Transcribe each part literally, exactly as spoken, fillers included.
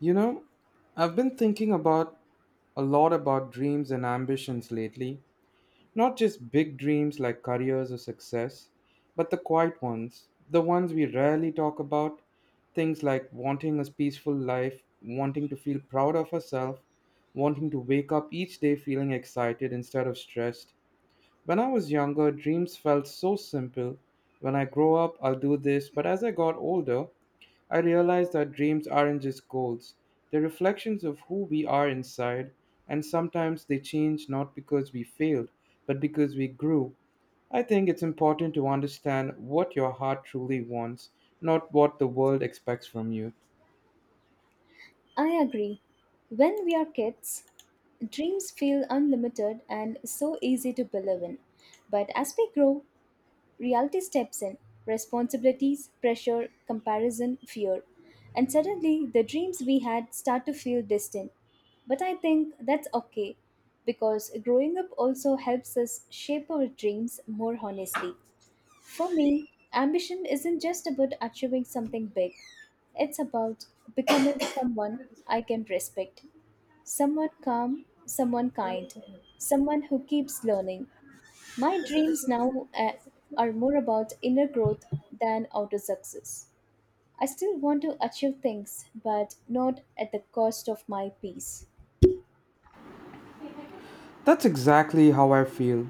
You know, I've been thinking about a lot about dreams and ambitions lately. Not just big dreams like careers or success, but the quiet ones, the ones we rarely talk about. Things like wanting a peaceful life, wanting to feel proud of ourselves, wanting to wake up each day feeling excited instead of stressed. When I was younger, dreams felt so simple. When I grow up, I'll do this. But as I got older, I realized that dreams aren't just goals, they're reflections of who we are inside, and sometimes they change not because we failed, but because we grew. I think it's important to understand what your heart truly wants, not what the world expects from you. I agree. When we are kids, dreams feel unlimited and so easy to believe in. But as we grow, reality steps in responsibilities, pressure, comparison, fear. And suddenly, the dreams we had start to feel distant. But I think that's okay because growing up also helps us shape our dreams more honestly. For me, ambition isn't just about achieving something big, it's about becoming someone I can respect, someone calm, someone kind, someone who keeps learning. My dreams now uh, are more about inner growth than outer success. I still want to achieve things, but not at the cost of my peace. That's exactly how I feel.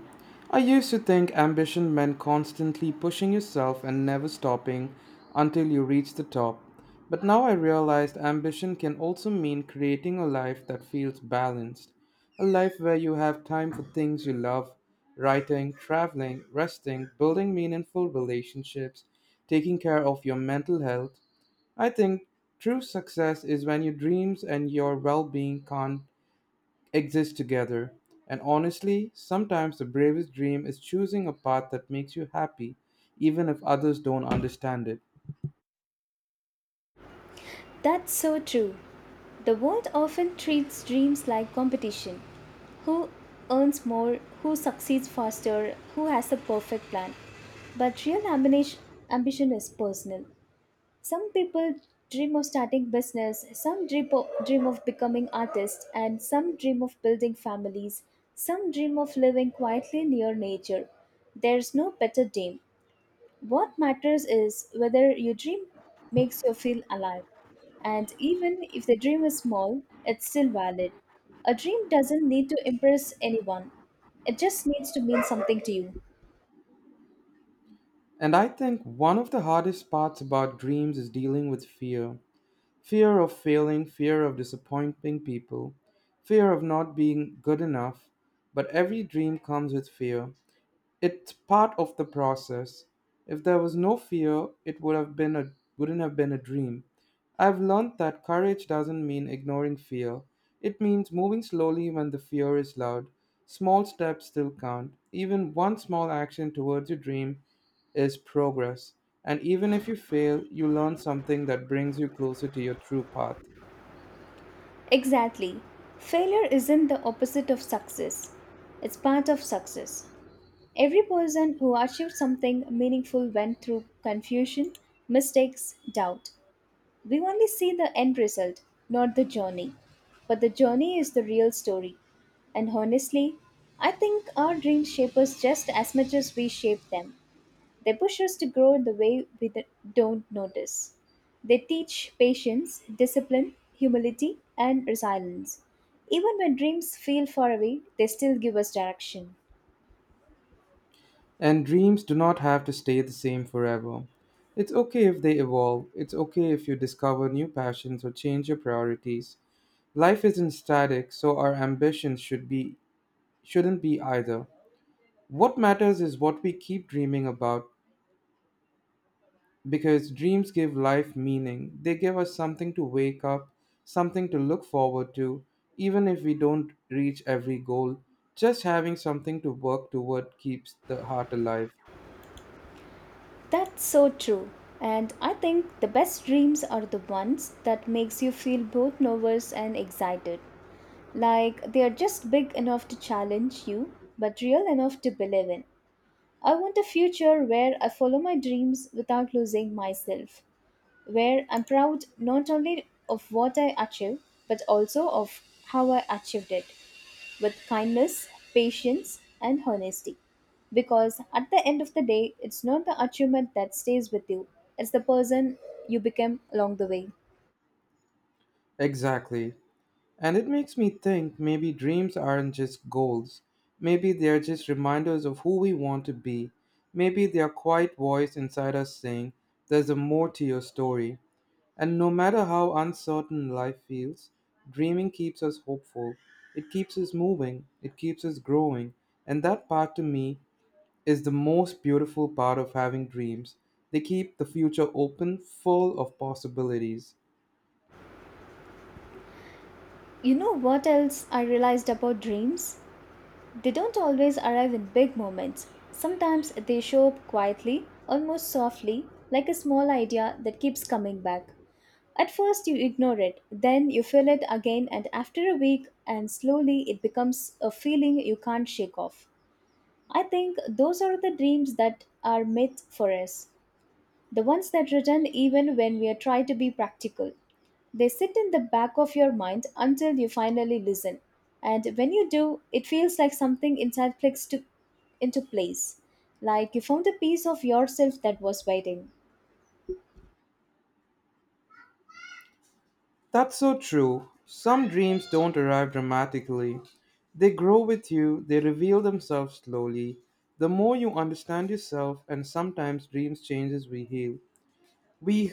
I used to think ambition meant constantly pushing yourself and never stopping until you reach the top. But now I realized ambition can also mean creating a life that feels balanced. A life where you have time for things you love, writing, traveling, resting, building meaningful relationships, taking care of your mental health. I think true success is when your dreams and your well being can't exist together. And honestly, sometimes the bravest dream is choosing a path that makes you happy, even if others don't understand it. That's so true. The world often treats dreams like competition. Who earns more, who succeeds faster, who has the perfect plan. But real ambition, ambition is personal. Some people dream of starting business, some dream of, dream of becoming artists, and some dream of building families, some dream of living quietly near nature. There's no better dream. What matters is whether your dream makes you feel alive. And even if the dream is small, it's still valid. A dream doesn't need to impress anyone, it just needs to mean something to you. And I think one of the hardest parts about dreams is dealing with fear, fear of failing, fear of disappointing people, fear of not being good enough. But every dream comes with fear, it's part of the process. If there was no fear, it would have been a wouldn't have been a dream. I've learned that courage doesn't mean ignoring fear. It means moving slowly when the fear is loud. Small steps still count. Even one small action towards your dream is progress. And even if you fail, you learn something that brings you closer to your true path. Exactly. Failure isn't the opposite of success, it's part of success. Every person who achieved something meaningful went through confusion, mistakes, doubt. We only see the end result, not the journey. But the journey is the real story. And honestly, I think our dreams shape us just as much as we shape them. They push us to grow in the way we th- don't notice. They teach patience, discipline, humility, and resilience. Even when dreams feel far away, they still give us direction. And dreams do not have to stay the same forever. It's okay if they evolve. It's okay if you discover new passions or change your priorities. Life isn't static, so our ambitions should be shouldn't be either. What matters is what we keep dreaming about because dreams give life meaning. They give us something to wake up, something to look forward to, even if we don't reach every goal. Just having something to work toward keeps the heart alive. That's so true. And I think the best dreams are the ones that makes you feel both nervous and excited. Like, they are just big enough to challenge you, but real enough to believe in. I want a future where I follow my dreams without losing myself, where I'm proud not only of what I achieve, but also of how I achieved it with kindness, patience, and honesty. Because at the end of the day, it's not the achievement that stays with you, it's the person you became along the way. Exactly. And it makes me think maybe dreams aren't just goals. Maybe they're just reminders of who we want to be. Maybe they're quiet voice inside us saying, there's a more to your story. And no matter how uncertain life feels, dreaming keeps us hopeful. It keeps us moving. It keeps us growing. And that part to me is the most beautiful part of having dreams. They keep the future open, full of possibilities. You know what else I realized about dreams? They don't always arrive in big moments. Sometimes they show up quietly, almost softly, like a small idea that keeps coming back. At first, you ignore it, then you feel it again, and after a week, and slowly it becomes a feeling you can't shake off. I think those are the dreams that are myth for us. The ones that return even when we try to be practical. They sit in the back of your mind until you finally listen. And when you do, it feels like something inside clicks to, into place, like you found a piece of yourself that was waiting. That's so true. Some dreams don't arrive dramatically. They grow with you, they reveal themselves slowly. The more you understand yourself, and sometimes dreams changes we heal. We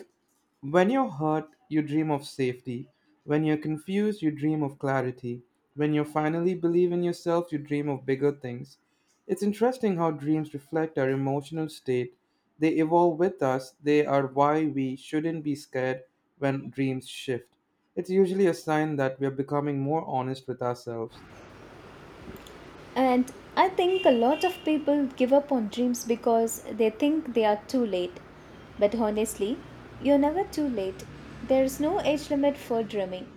When you're hurt, you dream of safety. When you're confused, you dream of clarity. When you finally believe in yourself, you dream of bigger things. It's interesting how dreams reflect our emotional state. They evolve with us, they are why we shouldn't be scared when dreams shift. It's usually a sign that we're becoming more honest with ourselves. And I think a lot of people give up on dreams because they think they are too late. But honestly, you're never too late. There is no age limit for dreaming.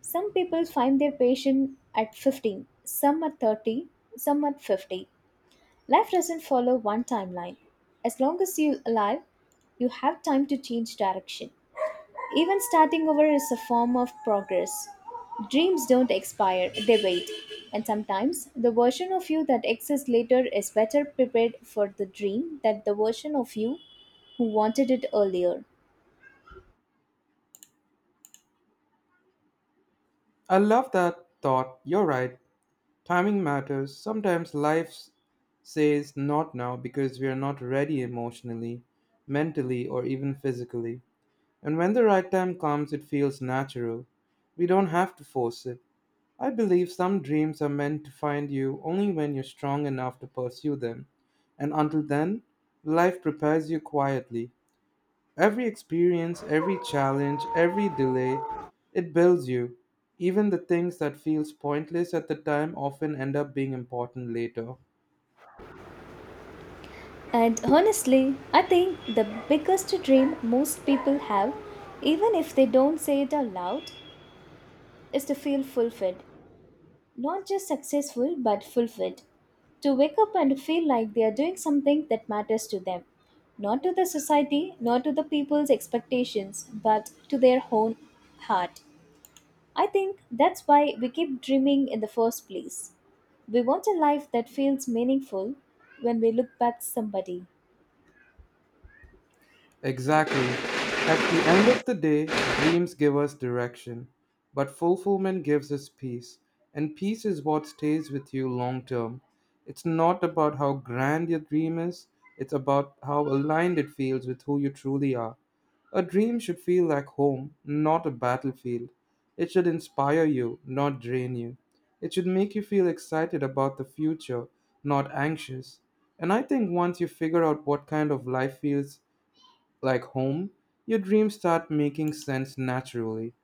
Some people find their passion at fifteen, some at thirty, some at fifty. Life doesn't follow one timeline. As long as you're alive, you have time to change direction. Even starting over is a form of progress. Dreams don't expire, they wait. And sometimes the version of you that exists later is better prepared for the dream than the version of you who wanted it earlier. I love that thought. You're right. Timing matters. Sometimes life says not now because we are not ready emotionally, mentally, or even physically. And when the right time comes, it feels natural. We don't have to force it. I believe some dreams are meant to find you only when you're strong enough to pursue them. And until then, life prepares you quietly. Every experience, every challenge, every delay, it builds you. Even the things that feels pointless at the time often end up being important later. And honestly, I think the biggest dream most people have, even if they don't say it out loud, is to feel fulfilled. Not just successful but fulfilled. To wake up and feel like they are doing something that matters to them, not to the society, not to the people's expectations, but to their own heart. I think that's why we keep dreaming in the first place. We want a life that feels meaningful when we look back to somebody. Exactly. At the end of the day, dreams give us direction, but fulfillment gives us peace. And peace is what stays with you long term. It's not about how grand your dream is, it's about how aligned it feels with who you truly are. A dream should feel like home, not a battlefield. It should inspire you, not drain you. It should make you feel excited about the future, not anxious. And I think once you figure out what kind of life feels like home, your dreams start making sense naturally.